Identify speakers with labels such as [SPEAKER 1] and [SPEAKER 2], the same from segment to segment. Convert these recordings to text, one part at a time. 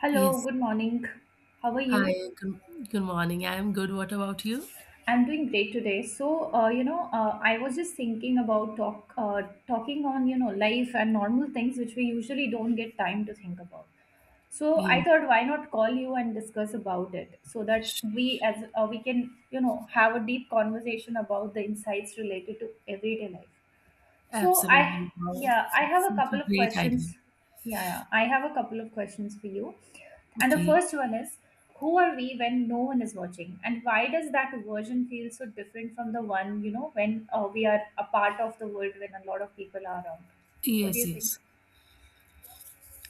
[SPEAKER 1] Hello,
[SPEAKER 2] Yes.
[SPEAKER 1] good morning. How are
[SPEAKER 2] Hi,
[SPEAKER 1] you?
[SPEAKER 2] good morning. I'm good. What about you?
[SPEAKER 1] I'm doing great today. I was just thinking about talking on, life and normal things which we usually don't get time to think about. So, I
[SPEAKER 2] Yeah,
[SPEAKER 1] thought why not call you and discuss about it so that we can, have a deep conversation about the insights related to everyday life. So I,
[SPEAKER 2] absolutely. Wow.
[SPEAKER 1] yeah, I have a
[SPEAKER 2] Such a
[SPEAKER 1] couple of
[SPEAKER 2] great idea.
[SPEAKER 1] questions. Yeah, I have a couple of questions for you. And the
[SPEAKER 2] Okay.
[SPEAKER 1] first one is, who are we when no one is watching, and why does that version feel so different from the one when we are a part of the world when a lot of people are around? What do
[SPEAKER 2] Yes,
[SPEAKER 1] you think?
[SPEAKER 2] yes.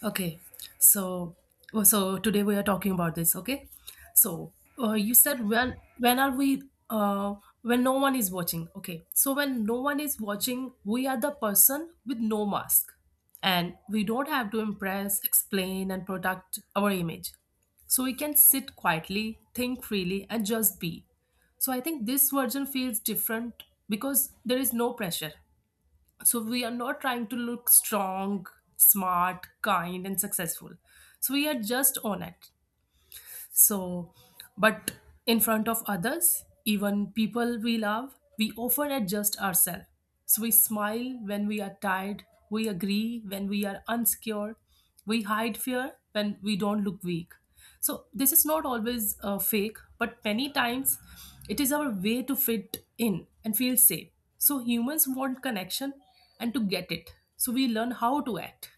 [SPEAKER 2] Okay, so so today we are talking about this. Okay, so you said when are we uh, when no one is watching? Okay, so when no one is watching, we are the person with no mask, and we don't have to impress, explain, and protect our image. So we can sit quietly, think freely, and just be. So I think this version feels different because there is no pressure, so we are not trying to look strong, smart, kind, and successful, so we are just on it. So, but in front of others, even people we love, we often adjust ourselves. So we smile when we are tired, we agree when we are unsecure, we hide fear when we don't look weak. So this is not always fake, but many times it is our way to fit in and feel safe. So humans want connection and to get it. So we learn how to act.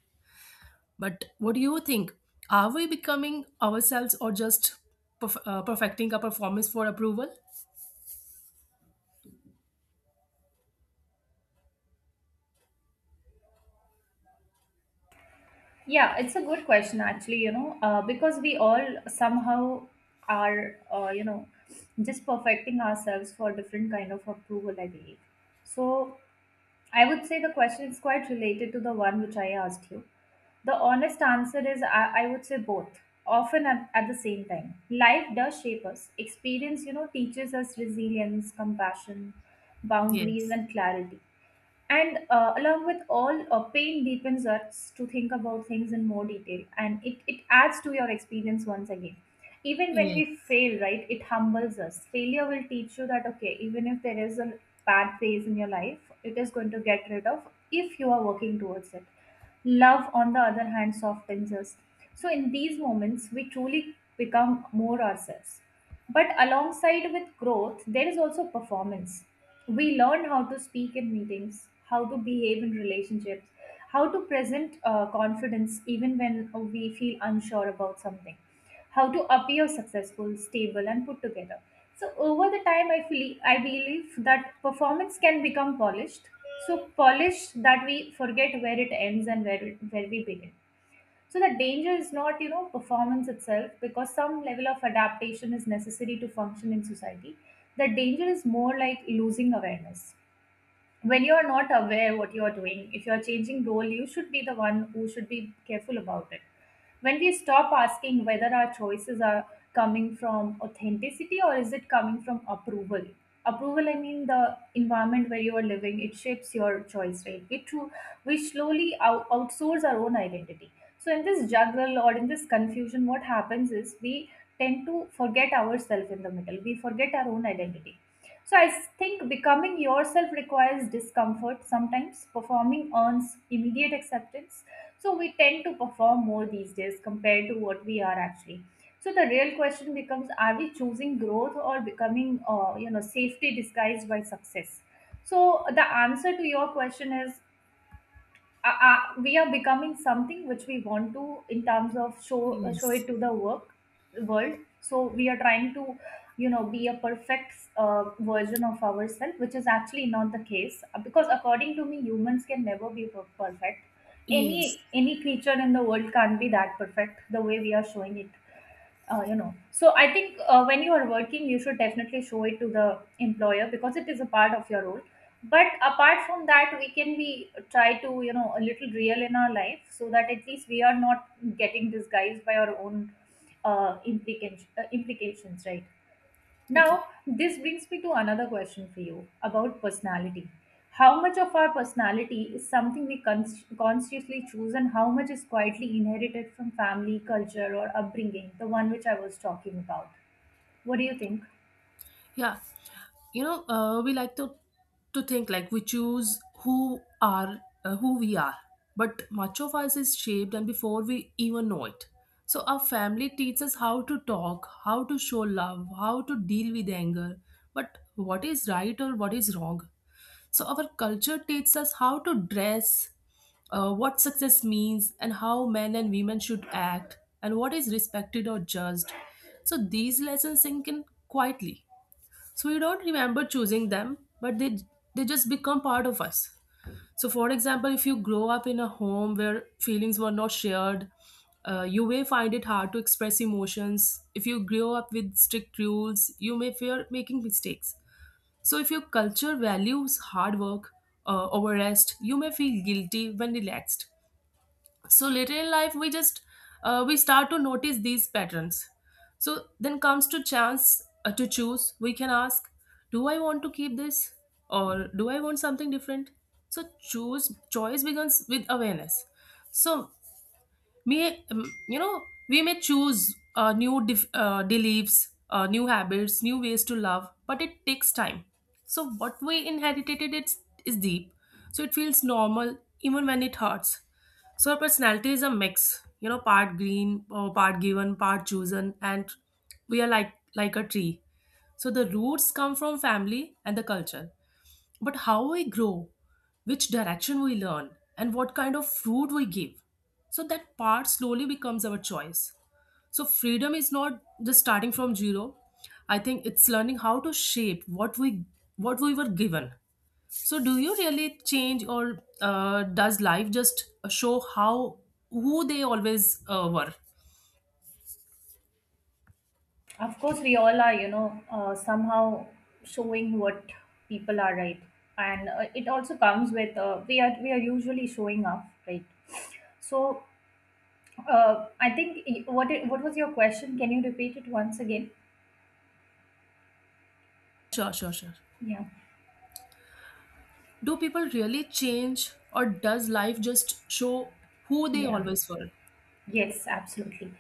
[SPEAKER 2] But what do you think? Are we becoming ourselves or just perfecting a performance for approval?
[SPEAKER 1] Yeah, it's a good question actually, because we all somehow are, just perfecting ourselves for different kind of approval, I believe. So I would say the question is quite related to the one which I asked you. The honest answer is I would say both, often at the same time. Life does shape us. Experience, teaches us resilience, compassion, boundaries,
[SPEAKER 2] Yes.
[SPEAKER 1] and clarity. And along with all, pain deepens us to think about things in more detail and it adds to your experience once again even when we
[SPEAKER 2] Yes.
[SPEAKER 1] fail, right? It humbles us. Failure will teach you that, okay, even if there is a bad phase in your life it is going to get rid of if you are working towards it. Love on the other hand softens us. So in these moments we truly become more ourselves, but alongside with growth there is also performance. We learn how to speak in meetings, how to behave in relationships, how to present confidence even when we feel unsure about something, how to appear successful, stable, and put together. So over the time, I feel I believe that performance can become polished. So polished that we forget where it ends and where we begin. So the danger is not, you know, performance itself, because some level of adaptation is necessary to function in society. The danger is more like losing awareness. When you're not aware what you're doing, if you're changing role, you should be the one who should be careful about it. When we stop asking whether our choices are coming from authenticity or is it coming from approval. Approval, I mean the environment where you are living, it shapes your choice, right? We true, we slowly outsource our own identity. So in this juggle or in this confusion what happens is we tend to forget ourselves in the middle, we forget our own identity. So I think becoming yourself requires discomfort. Sometimes performing earns immediate acceptance. So we tend to perform more these days compared to what we are actually. So the real question becomes: are we choosing growth or becoming, safety disguised by success? So the answer to your question is we are becoming something which we want to in terms of show
[SPEAKER 2] Yes.
[SPEAKER 1] it to the work world, so we are trying to, you know, be a perfect version of ourselves, which is actually not the case. Because according to me humans can never be perfect. any
[SPEAKER 2] Yes.
[SPEAKER 1] any creature in the world can't be that perfect the way we are showing it, so I think when you are working you should definitely show it to the employer because it is a part of your role, but apart from that we can be try to, you know, a little real in our life so that at least we are not getting disguised by our own implications, right? Now,
[SPEAKER 2] Okay.
[SPEAKER 1] this brings me to another question for you about personality. How much of our personality is something we consciously choose, and how much is quietly inherited from family, culture, or upbringing, the one which I was talking about? What do you think?
[SPEAKER 2] Yeah, you know, we like to think like we choose who are who we are, but much of us is shaped and before we even know it. So our family teaches us how to talk, how to show love, how to deal with anger, but what is right or what is wrong. So our culture teaches us how to dress, what success means, and how men and women should act, and what is respected or judged. So these lessons sink in quietly, so we don't remember choosing them, but they just become part of us. So for example, if you grow up in a home where feelings were not shared, you may find it hard to express emotions. If you grow up with strict rules, you may fear making mistakes. So if your culture values hard work over rest, you may feel guilty when relaxed. So later in life we just we start to notice these patterns. So then comes to chance to choose. We can ask, do I want to keep this or do I want something different? So choose choice begins with awareness. So may you know, we may choose new beliefs, new habits, new ways to love, but it takes time. So what we inherited is deep, so it feels normal even when it hurts. So our personality is a mix, you know, part green or part given, part chosen, and we are like a tree. So the roots come from family and the culture, but how we grow, which direction we learn, and what kind of food we give. So that part slowly becomes our choice. So freedom is not just starting from zero. I think it's learning how to shape what we were given. So do you really change, or does life just show how who they always were?
[SPEAKER 1] Of course, we all are, somehow showing what people are, right? And it also comes with we are usually showing up, right? So, I think what was your question? Can you repeat it once again?
[SPEAKER 2] Sure, sure, sure.
[SPEAKER 1] Yeah.
[SPEAKER 2] Do people really change, or does life just show who they
[SPEAKER 1] Yeah.
[SPEAKER 2] always were?
[SPEAKER 1] Yes, absolutely.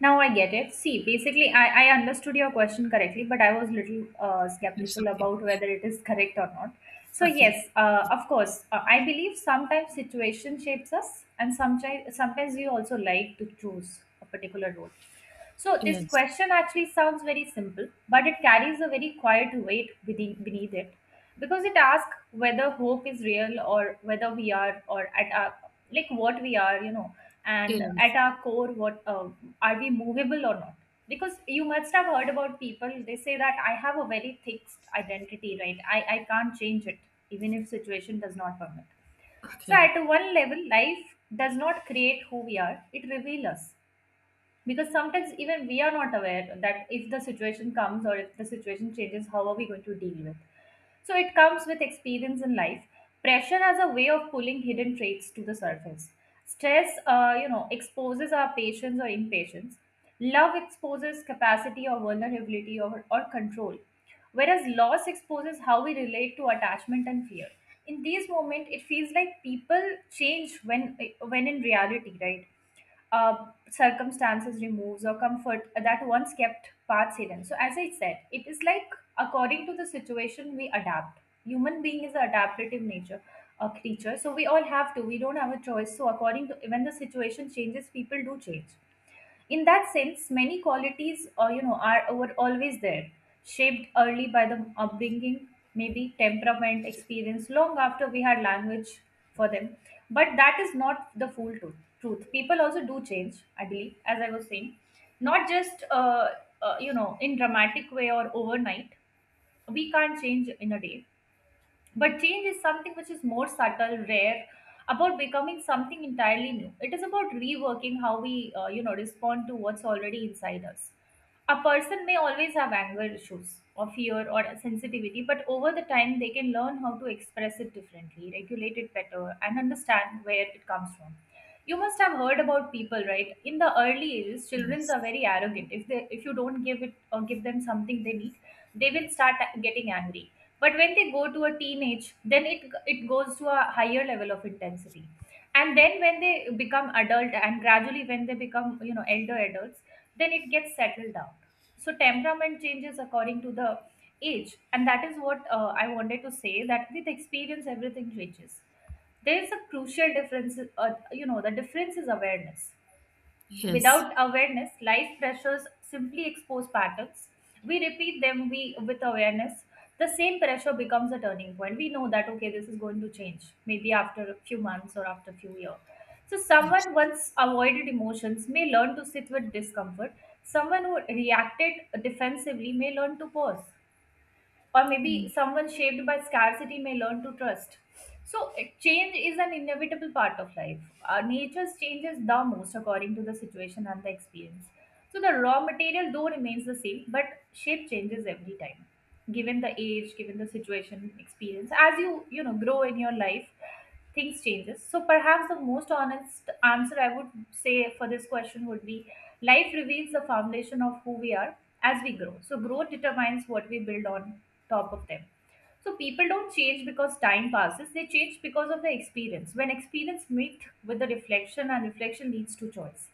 [SPEAKER 1] Now I get it. See, basically, I understood your question correctly, but I was little
[SPEAKER 2] It's
[SPEAKER 1] skeptical
[SPEAKER 2] okay.
[SPEAKER 1] about whether it is correct or not. So
[SPEAKER 2] Okay, okay.
[SPEAKER 1] yes, of course, I believe sometimes situation shapes us, and sometimes we also like to choose a particular road. So, this
[SPEAKER 2] Yes.
[SPEAKER 1] question actually sounds very simple, but it carries a very quiet weight beneath it because it asks whether hope is real or whether we are, or at our, like what we are, you know, and
[SPEAKER 2] Yes.
[SPEAKER 1] at our core, what are we movable or not? Because you must have heard about people, they say that I have a very fixed identity, right? I can't change it, even if situation does not permit. So
[SPEAKER 2] Okay.
[SPEAKER 1] at one level, life does not create who we are, it reveals us, because sometimes even we are not aware that if the situation comes or if the situation changes how are we going to deal with. So it comes with experience in life. Pressure as a way of pulling hidden traits to the surface. Stress, exposes our patience or impatience. Love exposes capacity or vulnerability, or control, whereas loss exposes how we relate to attachment and fear. In these moments it feels like people change, when in reality, right? uh, Circumstances removes or comfort that once kept parts hidden. So as I said, it is like according to the situation we adapt. Human being is an adaptive nature, a creature. So we all have to. We don't have a choice. So according to when the situation changes, people do change. In that sense many qualities, are, were always there, shaped early by the upbringing, maybe temperament experience long after we had language for them. But that is not the full truth. Truth, people also do change, I believe, as I was saying, not just in dramatic way or overnight. We can't change in a day, but change is something which is more subtle, rare, about becoming something entirely new. It is about reworking how we, respond to what's already inside us. A person may always have anger issues or fear or sensitivity, but over the time they can learn how to express it differently, regulate it better, and understand where it comes from. You must have heard about people, right? In the early ages, children
[SPEAKER 2] Yes.
[SPEAKER 1] are very arrogant. If they, if you don't give it or give them something they need, they will start getting angry. But when they go to a teenage, then it goes to a higher level of intensity, and then when they become adult, and gradually when they become, you know, elder adults, then it gets settled down. So temperament changes according to the age, and that is what I wanted to say, that with experience everything changes. There is a crucial difference, uh, the difference is awareness.
[SPEAKER 2] Yes.
[SPEAKER 1] Without awareness, life pressures simply expose patterns. We repeat them we with awareness. The same pressure becomes a turning point. We know that, okay, this is going to change, maybe after a few months or after a few years. So someone once avoided emotions may learn to sit with discomfort. Someone who reacted defensively may learn to pause, or maybe someone shaped by scarcity may learn to trust. So, change is an inevitable part of life. Nature's changes the most according to the situation and the experience. So, the raw material though remains the same, but shape changes every time, given the age, given the situation, experience. As you you know grow in your life, things changes. So, perhaps the most honest answer I would say for this question would be, life reveals the foundation of who we are as we grow. So, growth determines what we build on top of them. So, people don't change because time passes, they change because of the experience. When experience meets with the reflection, and reflection leads to choice.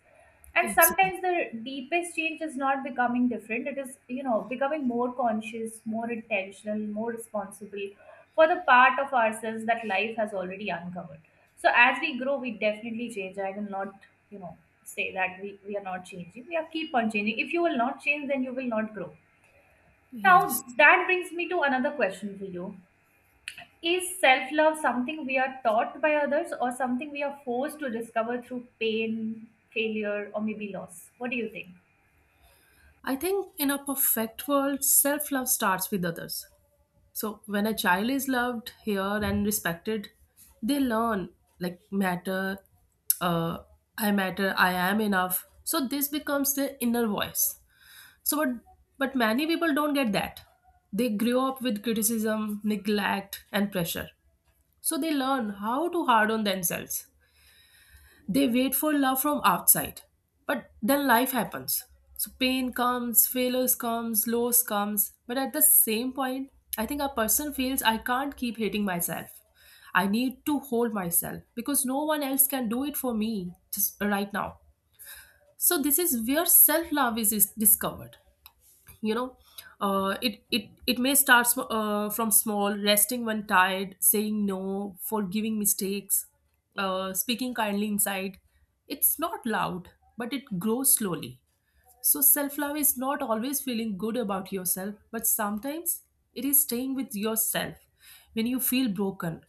[SPEAKER 1] And
[SPEAKER 2] Absolutely.
[SPEAKER 1] sometimes the deepest change is not becoming different, it is becoming more conscious, more intentional, more responsible for the part of ourselves that life has already uncovered. So as we grow we definitely change. I will not you know say that we are not changing. We are keep on changing. If you will not change then you will not grow.
[SPEAKER 2] Yes.
[SPEAKER 1] Now that brings me to another question for you. Is self-love something we are taught by others or something we are forced to discover through pain, failure, or maybe loss? What do you think?
[SPEAKER 2] I think in a perfect world, self love starts with others. So when a child is loved, heard, and respected, they learn like matter, uh, I matter, I am enough. So this becomes their inner voice. So but but many people don't get that. They grow up with criticism, neglect, and pressure. So they learn how to hard on themselves. They wait for love from outside. But then life happens. So pain comes, failures comes, loss comes. But at the same point, I think a person feels I can't keep hating myself. I need to hold myself because no one else can do it for me just right now. So this is where self-love is discovered, you know. It may start from small, resting when tired, saying no, forgiving mistakes, speaking kindly inside. It's not loud, but it grows slowly. So self love is not always feeling good about yourself, but sometimes it is staying with yourself when you feel broken.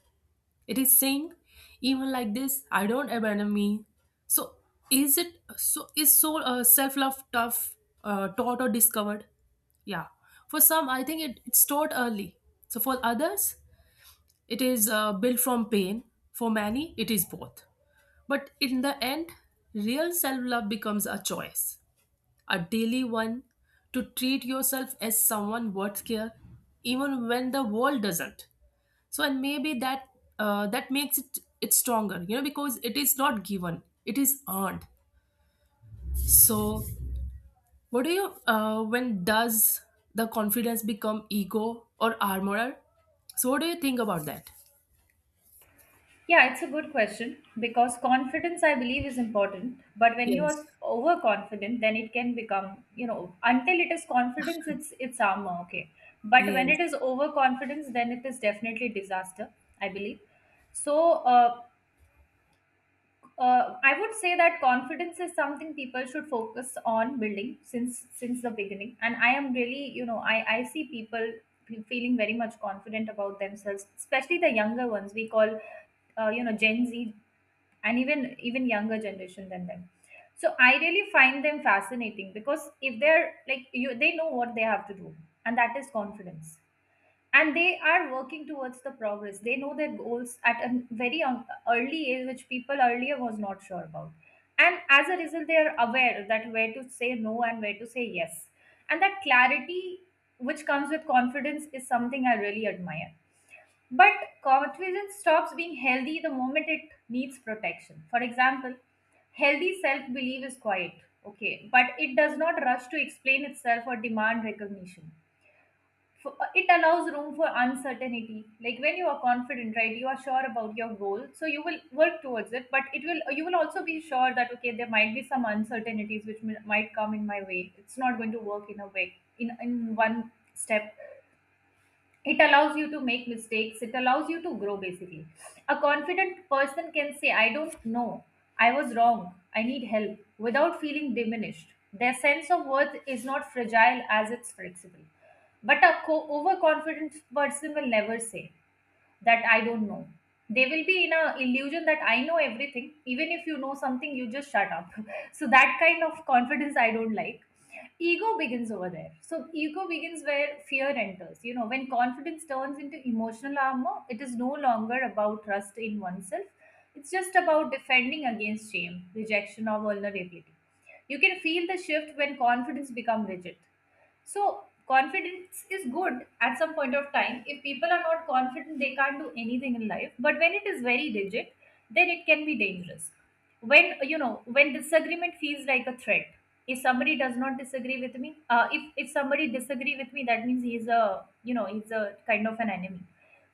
[SPEAKER 2] It is saying, even like this, I don't abandon me. So is it so is so self love tough taught or discovered? Yeah, for some I think it's taught early. So for others, it is built from pain. For many, it is both. But in the end, real self love becomes a choice, a daily one, to treat yourself as someone worth care, even when the world doesn't. So and maybe that makes it stronger, you know, because it is not given, it is earned. So what do you when does the confidence become ego or armorer? So what do you think about that?
[SPEAKER 1] Yeah, it's a good question because confidence, I believe, is important. But when you are
[SPEAKER 2] Yes.
[SPEAKER 1] overconfident, then it can become, you know, until it is confidence, it's armor, okay. But when
[SPEAKER 2] Yes.
[SPEAKER 1] it is overconfidence, then it is definitely disaster, I believe. So, uh, I would say that confidence is something people should focus on building since the beginning. And I am really, you know, I see people feeling very much confident about themselves, especially the younger ones. We call, you know, Gen Z and even younger generation than them. So I really find them fascinating because if they're like you, they know what they have to do, and that is confidence. And they are working towards the progress. They know their goals at a very early age, which people earlier was not sure about. And as a result, they are aware that where to say no and where to say yes. And that clarity, which comes with confidence, is something I really admire. But confidence stops being healthy the moment it needs protection. For example, healthy self belief is quiet, okay, but it does not rush to explain itself or demand recognition. For, it allows room for uncertainty. Like when you are confident, right, you are sure about your goal so you will work towards it, but it will you will also be sure that okay, there might be some uncertainties which might come in my way. It's not going to work in a way in one step. It allows you to make mistakes. It allows you to grow basically. A confident person can say I don't know, I was wrong, I need help, without feeling diminished. Their sense of worth is not fragile as it's flexible. But a overconfident person will never say that I don't know. They will be in a illusion that I know everything. Even if you know something, you just shut up. So that kind of confidence I don't like. Ego begins over there. So ego begins where fear enters. You know, when confidence turns into emotional armor, it is no longer about trust in oneself. It's just about defending against shame, rejection, or vulnerability. You can feel the shift when confidence becomes rigid. So confidence is good at some point of time. If people are not confident, they can't do anything in life. But when it is very rigid, then it can be dangerous. When, you know, when disagreement feels like a threat. If somebody does not disagree with me, if somebody disagree with me, that means he's a, you know, he's a kind of an enemy.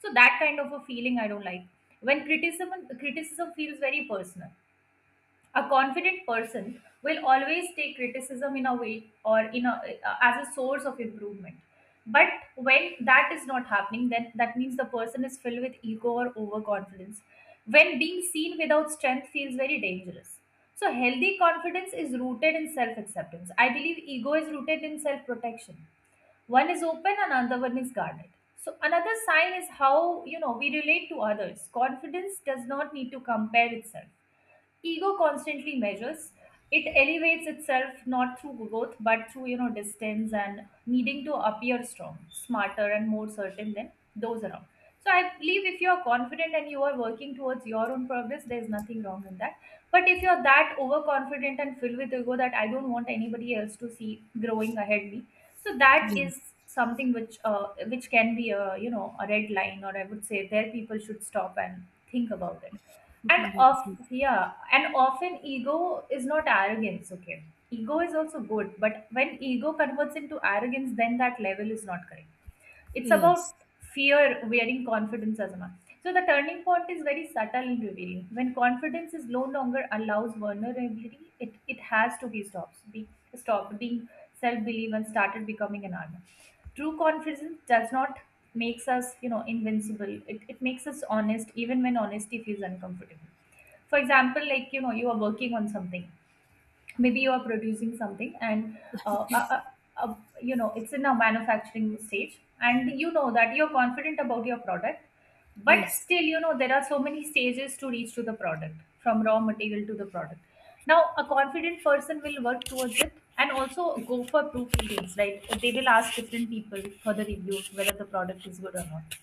[SPEAKER 1] So that kind of a feeling I don't like. When criticism feels very personal, a confident person will always take criticism in a way, or in a, as a source of improvement. But when that is not happening, then that means the person is filled with ego or overconfidence. When being seen without strength feels very dangerous. So healthy confidence is rooted in self acceptance, I believe. Ego is rooted in self protection. One is open, another one is guarded. So another sign is how, you know, we relate to others. Confidence does not need to compare itself. Ego constantly measures. It elevates itself not through growth but through, you know, distance and needing to appear strong, smarter, and more certain than those around. So I believe if you are confident and you are working towards your own progress, there's nothing wrong in that. But if you're that overconfident and filled with ego that I don't want anybody else to see growing ahead me, so that
[SPEAKER 2] Yes.
[SPEAKER 1] is something which can be a, you know, a red line, or I would say there people should stop and think about it. And
[SPEAKER 2] Yes,
[SPEAKER 1] of,
[SPEAKER 2] yes.
[SPEAKER 1] yeah, and often ego is not arrogance, okay. Ego is also good, but when ego converts into arrogance, then that level is not correct. It's
[SPEAKER 2] Yes.
[SPEAKER 1] about fear wearing confidence as a mask. So the turning point is very subtle and revealing. When confidence is no longer allows vulnerability, it has to be stopped being self-belief and started becoming an armor. True confidence does not makes us, you know, invincible. It makes us honest even when honesty feels uncomfortable. For example, like you know, you are working on something, maybe you are producing something and uh, uh, uh, uh, you know, it's in a manufacturing stage and you know that you're confident about your product. But
[SPEAKER 2] Yes.
[SPEAKER 1] still, you know, there are so many stages to reach to the product, from raw material to the product. Now a confident person will work towards it and also go for proofreadings, right. They will ask different people for the review whether the product is good or not.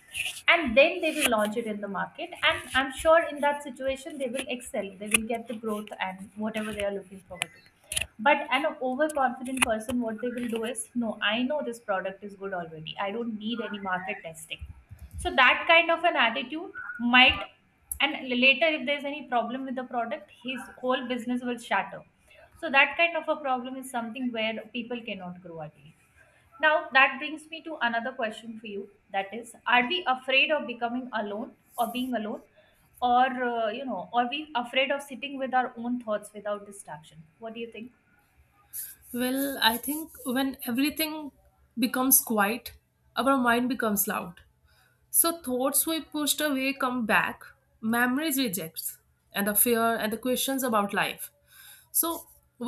[SPEAKER 1] And then they will launch it in the market, and I'm sure in that situation they will excel, they will get the growth and whatever they are looking forward to. But an overconfident person, what they will do is no, I know this product is good already, I don't need any market testing. So that kind of an attitude might, and later if there's any problem with the product, his whole business will shatter. So that kind of a problem is something where people cannot grow again. Now that brings me to another question for you. That is, are we afraid of becoming alone or being alone, or you know, are we afraid of sitting with our own thoughts without distraction? What do you think?
[SPEAKER 2] Well, I think when everything becomes quiet, our mind becomes loud. So thoughts we pushed away come back, memories rejects, and the fear and the questions about life. So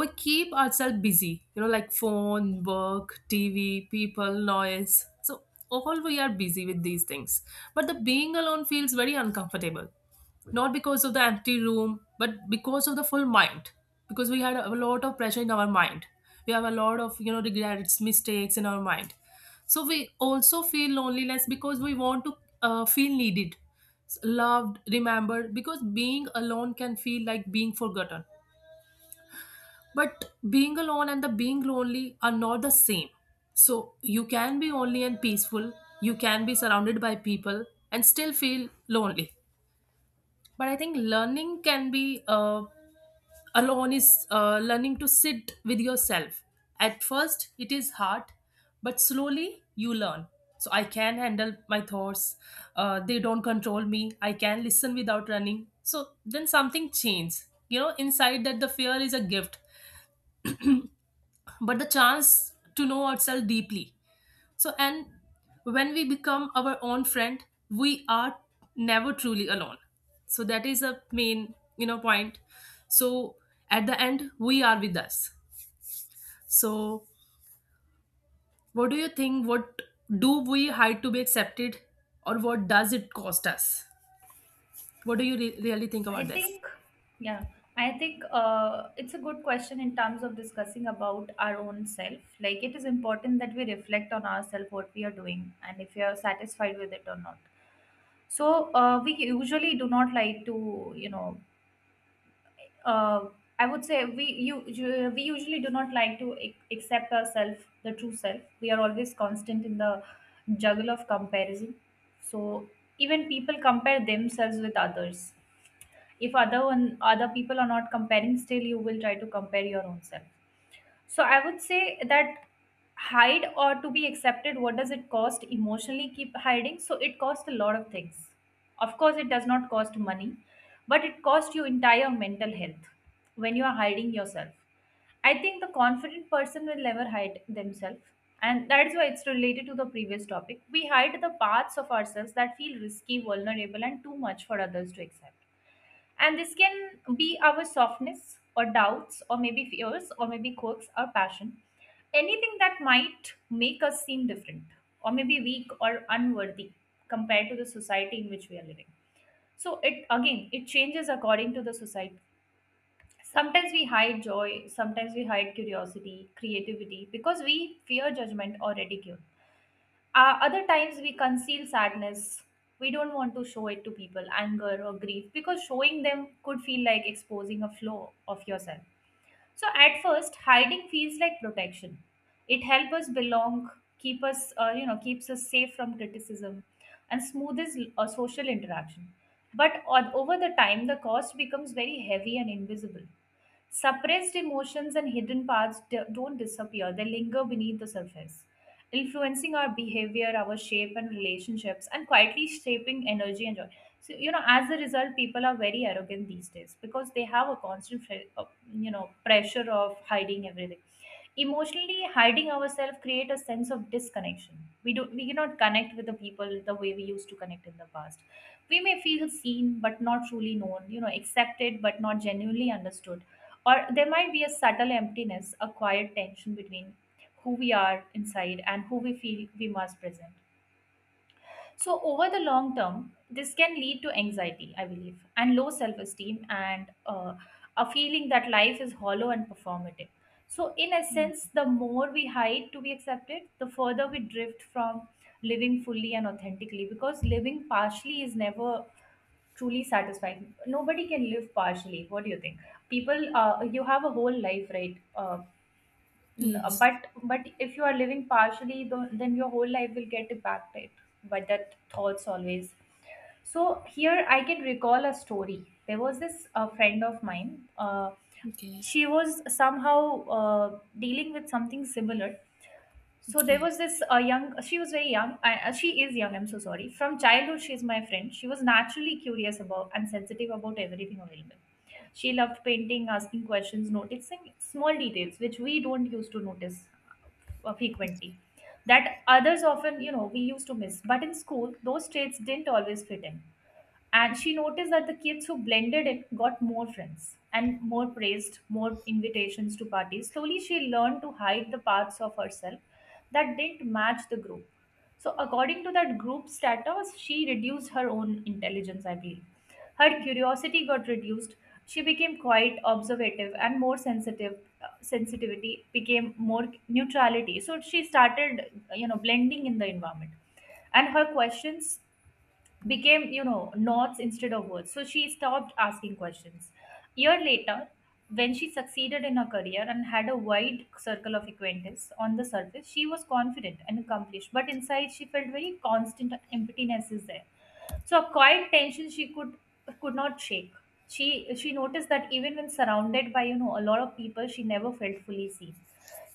[SPEAKER 2] we keep ourselves busy, you know, like phone, work, TV, people, noise. So all we are busy with these things. But the being alone feels very uncomfortable, not because of the empty room but because of the full mind, because we had a lot of pressure in our mind, we have a lot of, you know, regrets, mistakes in our mind. So we also feel loneliness because we want to feel needed, loved, remembered, because being alone can feel like being forgotten. But being alone and the being lonely are not the same. So you can be lonely and peaceful, you can be surrounded by people and still feel lonely. But I think learning can be uh, alone is learning to sit with yourself. At first it is hard, but slowly you learn, so I can handle my thoughts, they don't control me, I can listen without running. So then something changes, you know, inside, that the fear is a gift, but the chance to know ourselves deeply. So, and when we become our own friend, we are never truly alone. So that is a main, you know, point. So at the end, we are with us. So what do you think? What do we hide to be accepted, or what does it cost us? What do you really think about
[SPEAKER 1] I
[SPEAKER 2] this?
[SPEAKER 1] think, yeah, I think it's a good question in terms of discussing about our own self. Like it is important that we reflect on ourselves, what we are doing, and if we are satisfied with it or not. So we usually do not like to, you know, uh, I would say we you, you we usually do not like to accept ourselves, the true self. We are always constant in the juggle of comparison. So even people compare themselves with others. If other people are not comparing, still you will try to compare your own self. So I would say that hide or to be accepted, what does it cost? Emotionally keep hiding. So it costs a lot of things. Of course, it does not cost money, but it costs your entire mental health when you are hiding yourself. I think the confident person will never hide themselves. And that is why it's related to the previous topic. We hide the parts of ourselves that feel risky, vulnerable, and too much for others to accept. And this can be our softness or doubts or maybe fears or maybe quirks or passion. Anything that might make us seem different or maybe weak or unworthy compared to the society in which we are living. So it, again it changes according to the society. Sometimes we hide joy, sometimes we hide curiosity, creativity, because we fear judgment or ridicule. Other times we conceal sadness. We don't want to show it to people, anger or grief, because showing them could feel like exposing a flaw of yourself. So at first, hiding feels like protection. It helps us belong, keep us, you know, keeps us safe from criticism, and smoothes social interaction. But on, over the time, the cost becomes very heavy and invisible. Suppressed emotions and hidden parts don't disappear, they linger beneath the surface, influencing our behavior, our shape, and relationships, and quietly shaping energy and joy. So, you know, as a result, people are very arrogant these days because they have a constant, you know, pressure of hiding everything. Emotionally hiding ourselves create a sense of disconnection. We cannot connect with the people the way we used to connect in the past. We may feel seen but not truly known, you know, accepted but not genuinely understood, or there might be a subtle emptiness, a quiet tension between who we are inside and who we feel we must present. So, over the long term, this can lead to anxiety, I believe, and low self esteem, and a feeling that life is hollow and performative. So, in essence, the more we hide to be accepted, the further we drift from living fully and authentically, because living partially is never truly satisfying. Nobody can live partially. What do you think? People, you have a whole life, right?
[SPEAKER 2] Yes.
[SPEAKER 1] But if you are living partially, then your whole life will get impacted by that thoughts always. So here I can recall a story. There was this friend of mine.
[SPEAKER 2] Okay.
[SPEAKER 1] She was somehow dealing with something similar, so there
[SPEAKER 2] Okay.
[SPEAKER 1] was this she was very young, she is young, I'm so sorry. From childhood, she's my friend. She was naturally curious about and sensitive about everything available. She loved painting, asking questions, noticing small details which we don't used to notice frequently. That others often, we used to miss. But in school, those traits didn't always fit in. And she noticed that the kids who blended in got more friends and more praised, more invitations to parties. Slowly, she learned to hide the parts of herself that didn't match the group. So, according to that group status, she reduced her own intelligence, I believe. Her curiosity got reduced. She became quite observative and more sensitive. Sensitivity became more neutrality. So, she started, blending in the environment, and her questions became, knots instead of words, so she stopped asking questions. Year later, when she succeeded in her career and had a wide circle of acquaintances, on the surface she was confident and accomplished, but inside she felt very constant emptiness is there, so a quiet tension she could not shake. She noticed that even when surrounded by, a lot of people, she never felt fully seen.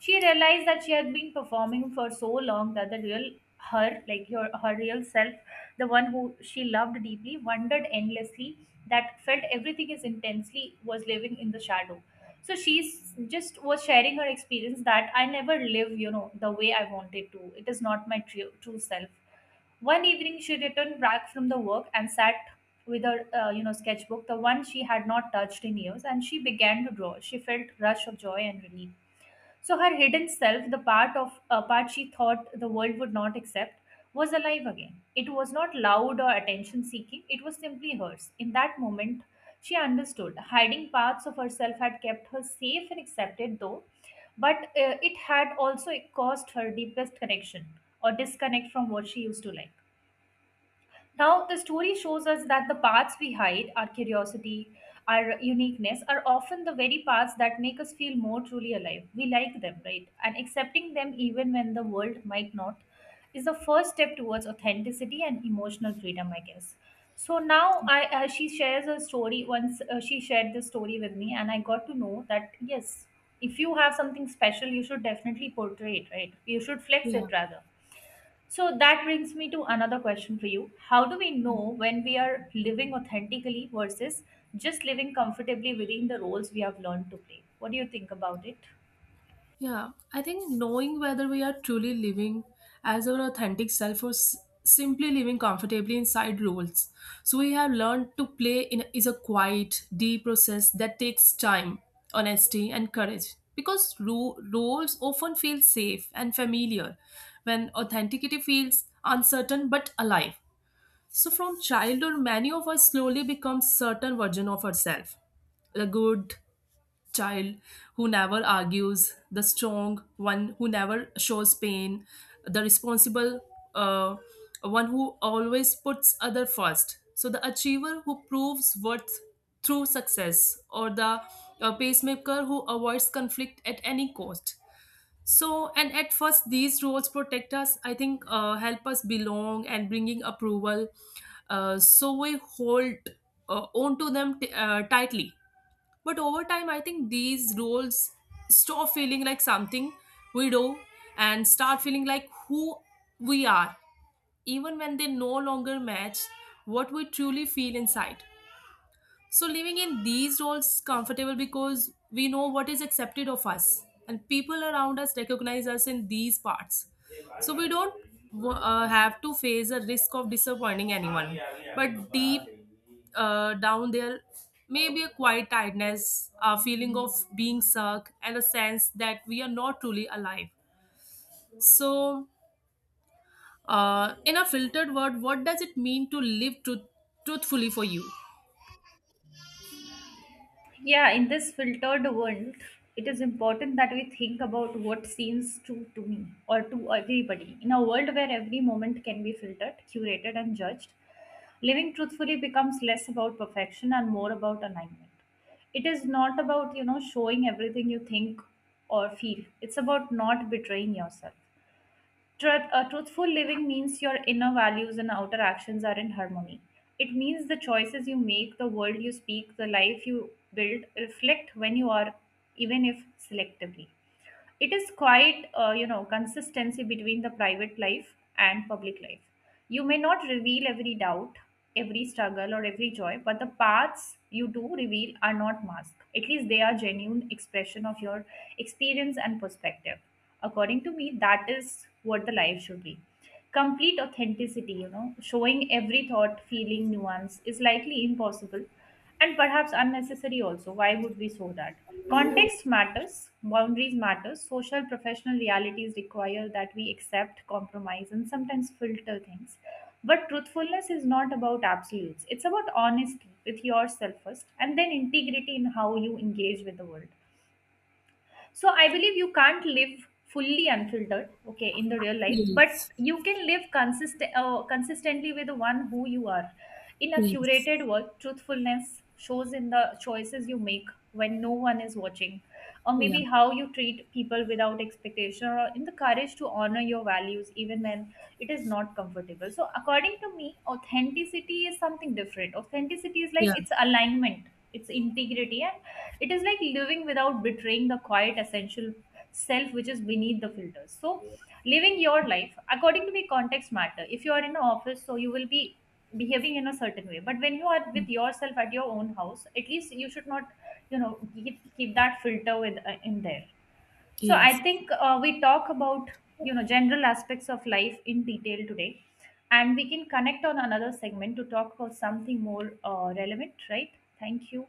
[SPEAKER 1] She realized that she had been performing for so long that the real her, real self, the one who she loved deeply, wondered endlessly, that felt everything is intensely, was living in the shadow. So she's just was sharing her experience that I never live, the way I wanted to. It is not my true, true self. One evening, she returned back from the work and sat with her, sketchbook, the one she had not touched in years, and she began to draw. She felt rush of joy and relief. So her hidden self, the part of a part she thought the world would not accept, was alive again. It was not loud or attention seeking, it was simply hers. In that moment, she understood. Hiding parts of herself had kept her safe and accepted, though, but it had also caused her deepest connection or disconnect from what she used to like. Now, the story shows us that the parts we hide, our curiosity, our uniqueness, are often the very parts that make us feel more truly alive. We like them, right? And accepting them, even when the world might not, is the first step towards authenticity and emotional freedom, I guess. So now, I she shares a story. Once she shared this story with me, and I got to know that yes, if you have something special, you should definitely portray it, right? You should flex
[SPEAKER 2] Yeah.
[SPEAKER 1] it rather. So that brings me to another question for you. How do we know when we are living authentically versus just living comfortably within the roles we have learned to play? What do you think about it?
[SPEAKER 2] Yeah, I think knowing whether we are truly living as our authentic self or simply living comfortably inside roles, so we have learned to play in, is a quiet, deep process that takes time, honesty, and courage. Because ro roles often feel safe and familiar, when authenticity feels uncertain but alive. So from childhood, many of us slowly become certain version of ourselves, the good child who never argues, the strong one who never shows pain, the responsible uh, one who always puts other first. So the achiever who proves worth through success, or the pacemaker who avoids conflict at any cost. So and at first these roles protect us. I think help us belong and bringing approval. So we hold onto them tightly, but over time, I think these roles stop feeling like something we do and start feeling like who we are, even when they no longer match what we truly feel inside. So living in these roles comfortable because we know what is accepted of us and people around us recognize us in these parts. So we don't have to face a risk of disappointing anyone. But deep down there may be a quiet tiredness, a feeling of being stuck, and a sense that we are not truly alive. So in a filtered word, what does it mean to live truthfully for you?
[SPEAKER 1] Yeah, in this filtered world, it is important that we think about what seems true to me or to everybody. In a world where every moment can be filtered, curated, and judged, living truthfully becomes less about perfection and more about alignment. It is not about, showing everything you think or feel, it's about not betraying yourself. Truthful living means your inner values and outer actions are in harmony. It means the choices you make, the world you speak, the life you build reflect when you are, even if selectively. It is quite you know, consistency between the private life and public life. You may not reveal every doubt, every struggle, or every joy, but the paths you do reveal are not masked, at least they are genuine expression of your experience and perspective. According to me, that is what the life should be. Complete authenticity, you know, showing every thought, feeling, nuance is likely impossible and perhaps unnecessary also. Why would we show that? Context matters, boundaries matter, social professional realities require that we accept, compromise, and sometimes filter things. But truthfulness is not about absolutes. It's about honesty with yourself first and then integrity in how you engage with the world. So I believe you can't live fully unfiltered, okay, in the real life, but
[SPEAKER 2] Yes.
[SPEAKER 1] you can live consistently with the one who you are. In a
[SPEAKER 2] Yes.
[SPEAKER 1] curated world, truthfulness shows in the choices you make when no one is watching, or
[SPEAKER 2] Yeah.
[SPEAKER 1] maybe how you treat people without expectation, or in the courage to honor your values even when it is not comfortable. So according to me, authenticity is something different. Authenticity is like
[SPEAKER 2] Yeah.
[SPEAKER 1] it's alignment, it's integrity, it is like living without betraying the quiet essential self which is beneath the filters. So living your life, according to me, context matter. If you are in an office, so you will be behaving in a certain way, but when you are with yourself at your own house, at least you should not, you know, keep that filter with in there. So
[SPEAKER 2] Yes.
[SPEAKER 1] I think we talk about, you know, general aspects of life in detail today, and we can connect on another segment to talk about something more relevant, right? Thank you.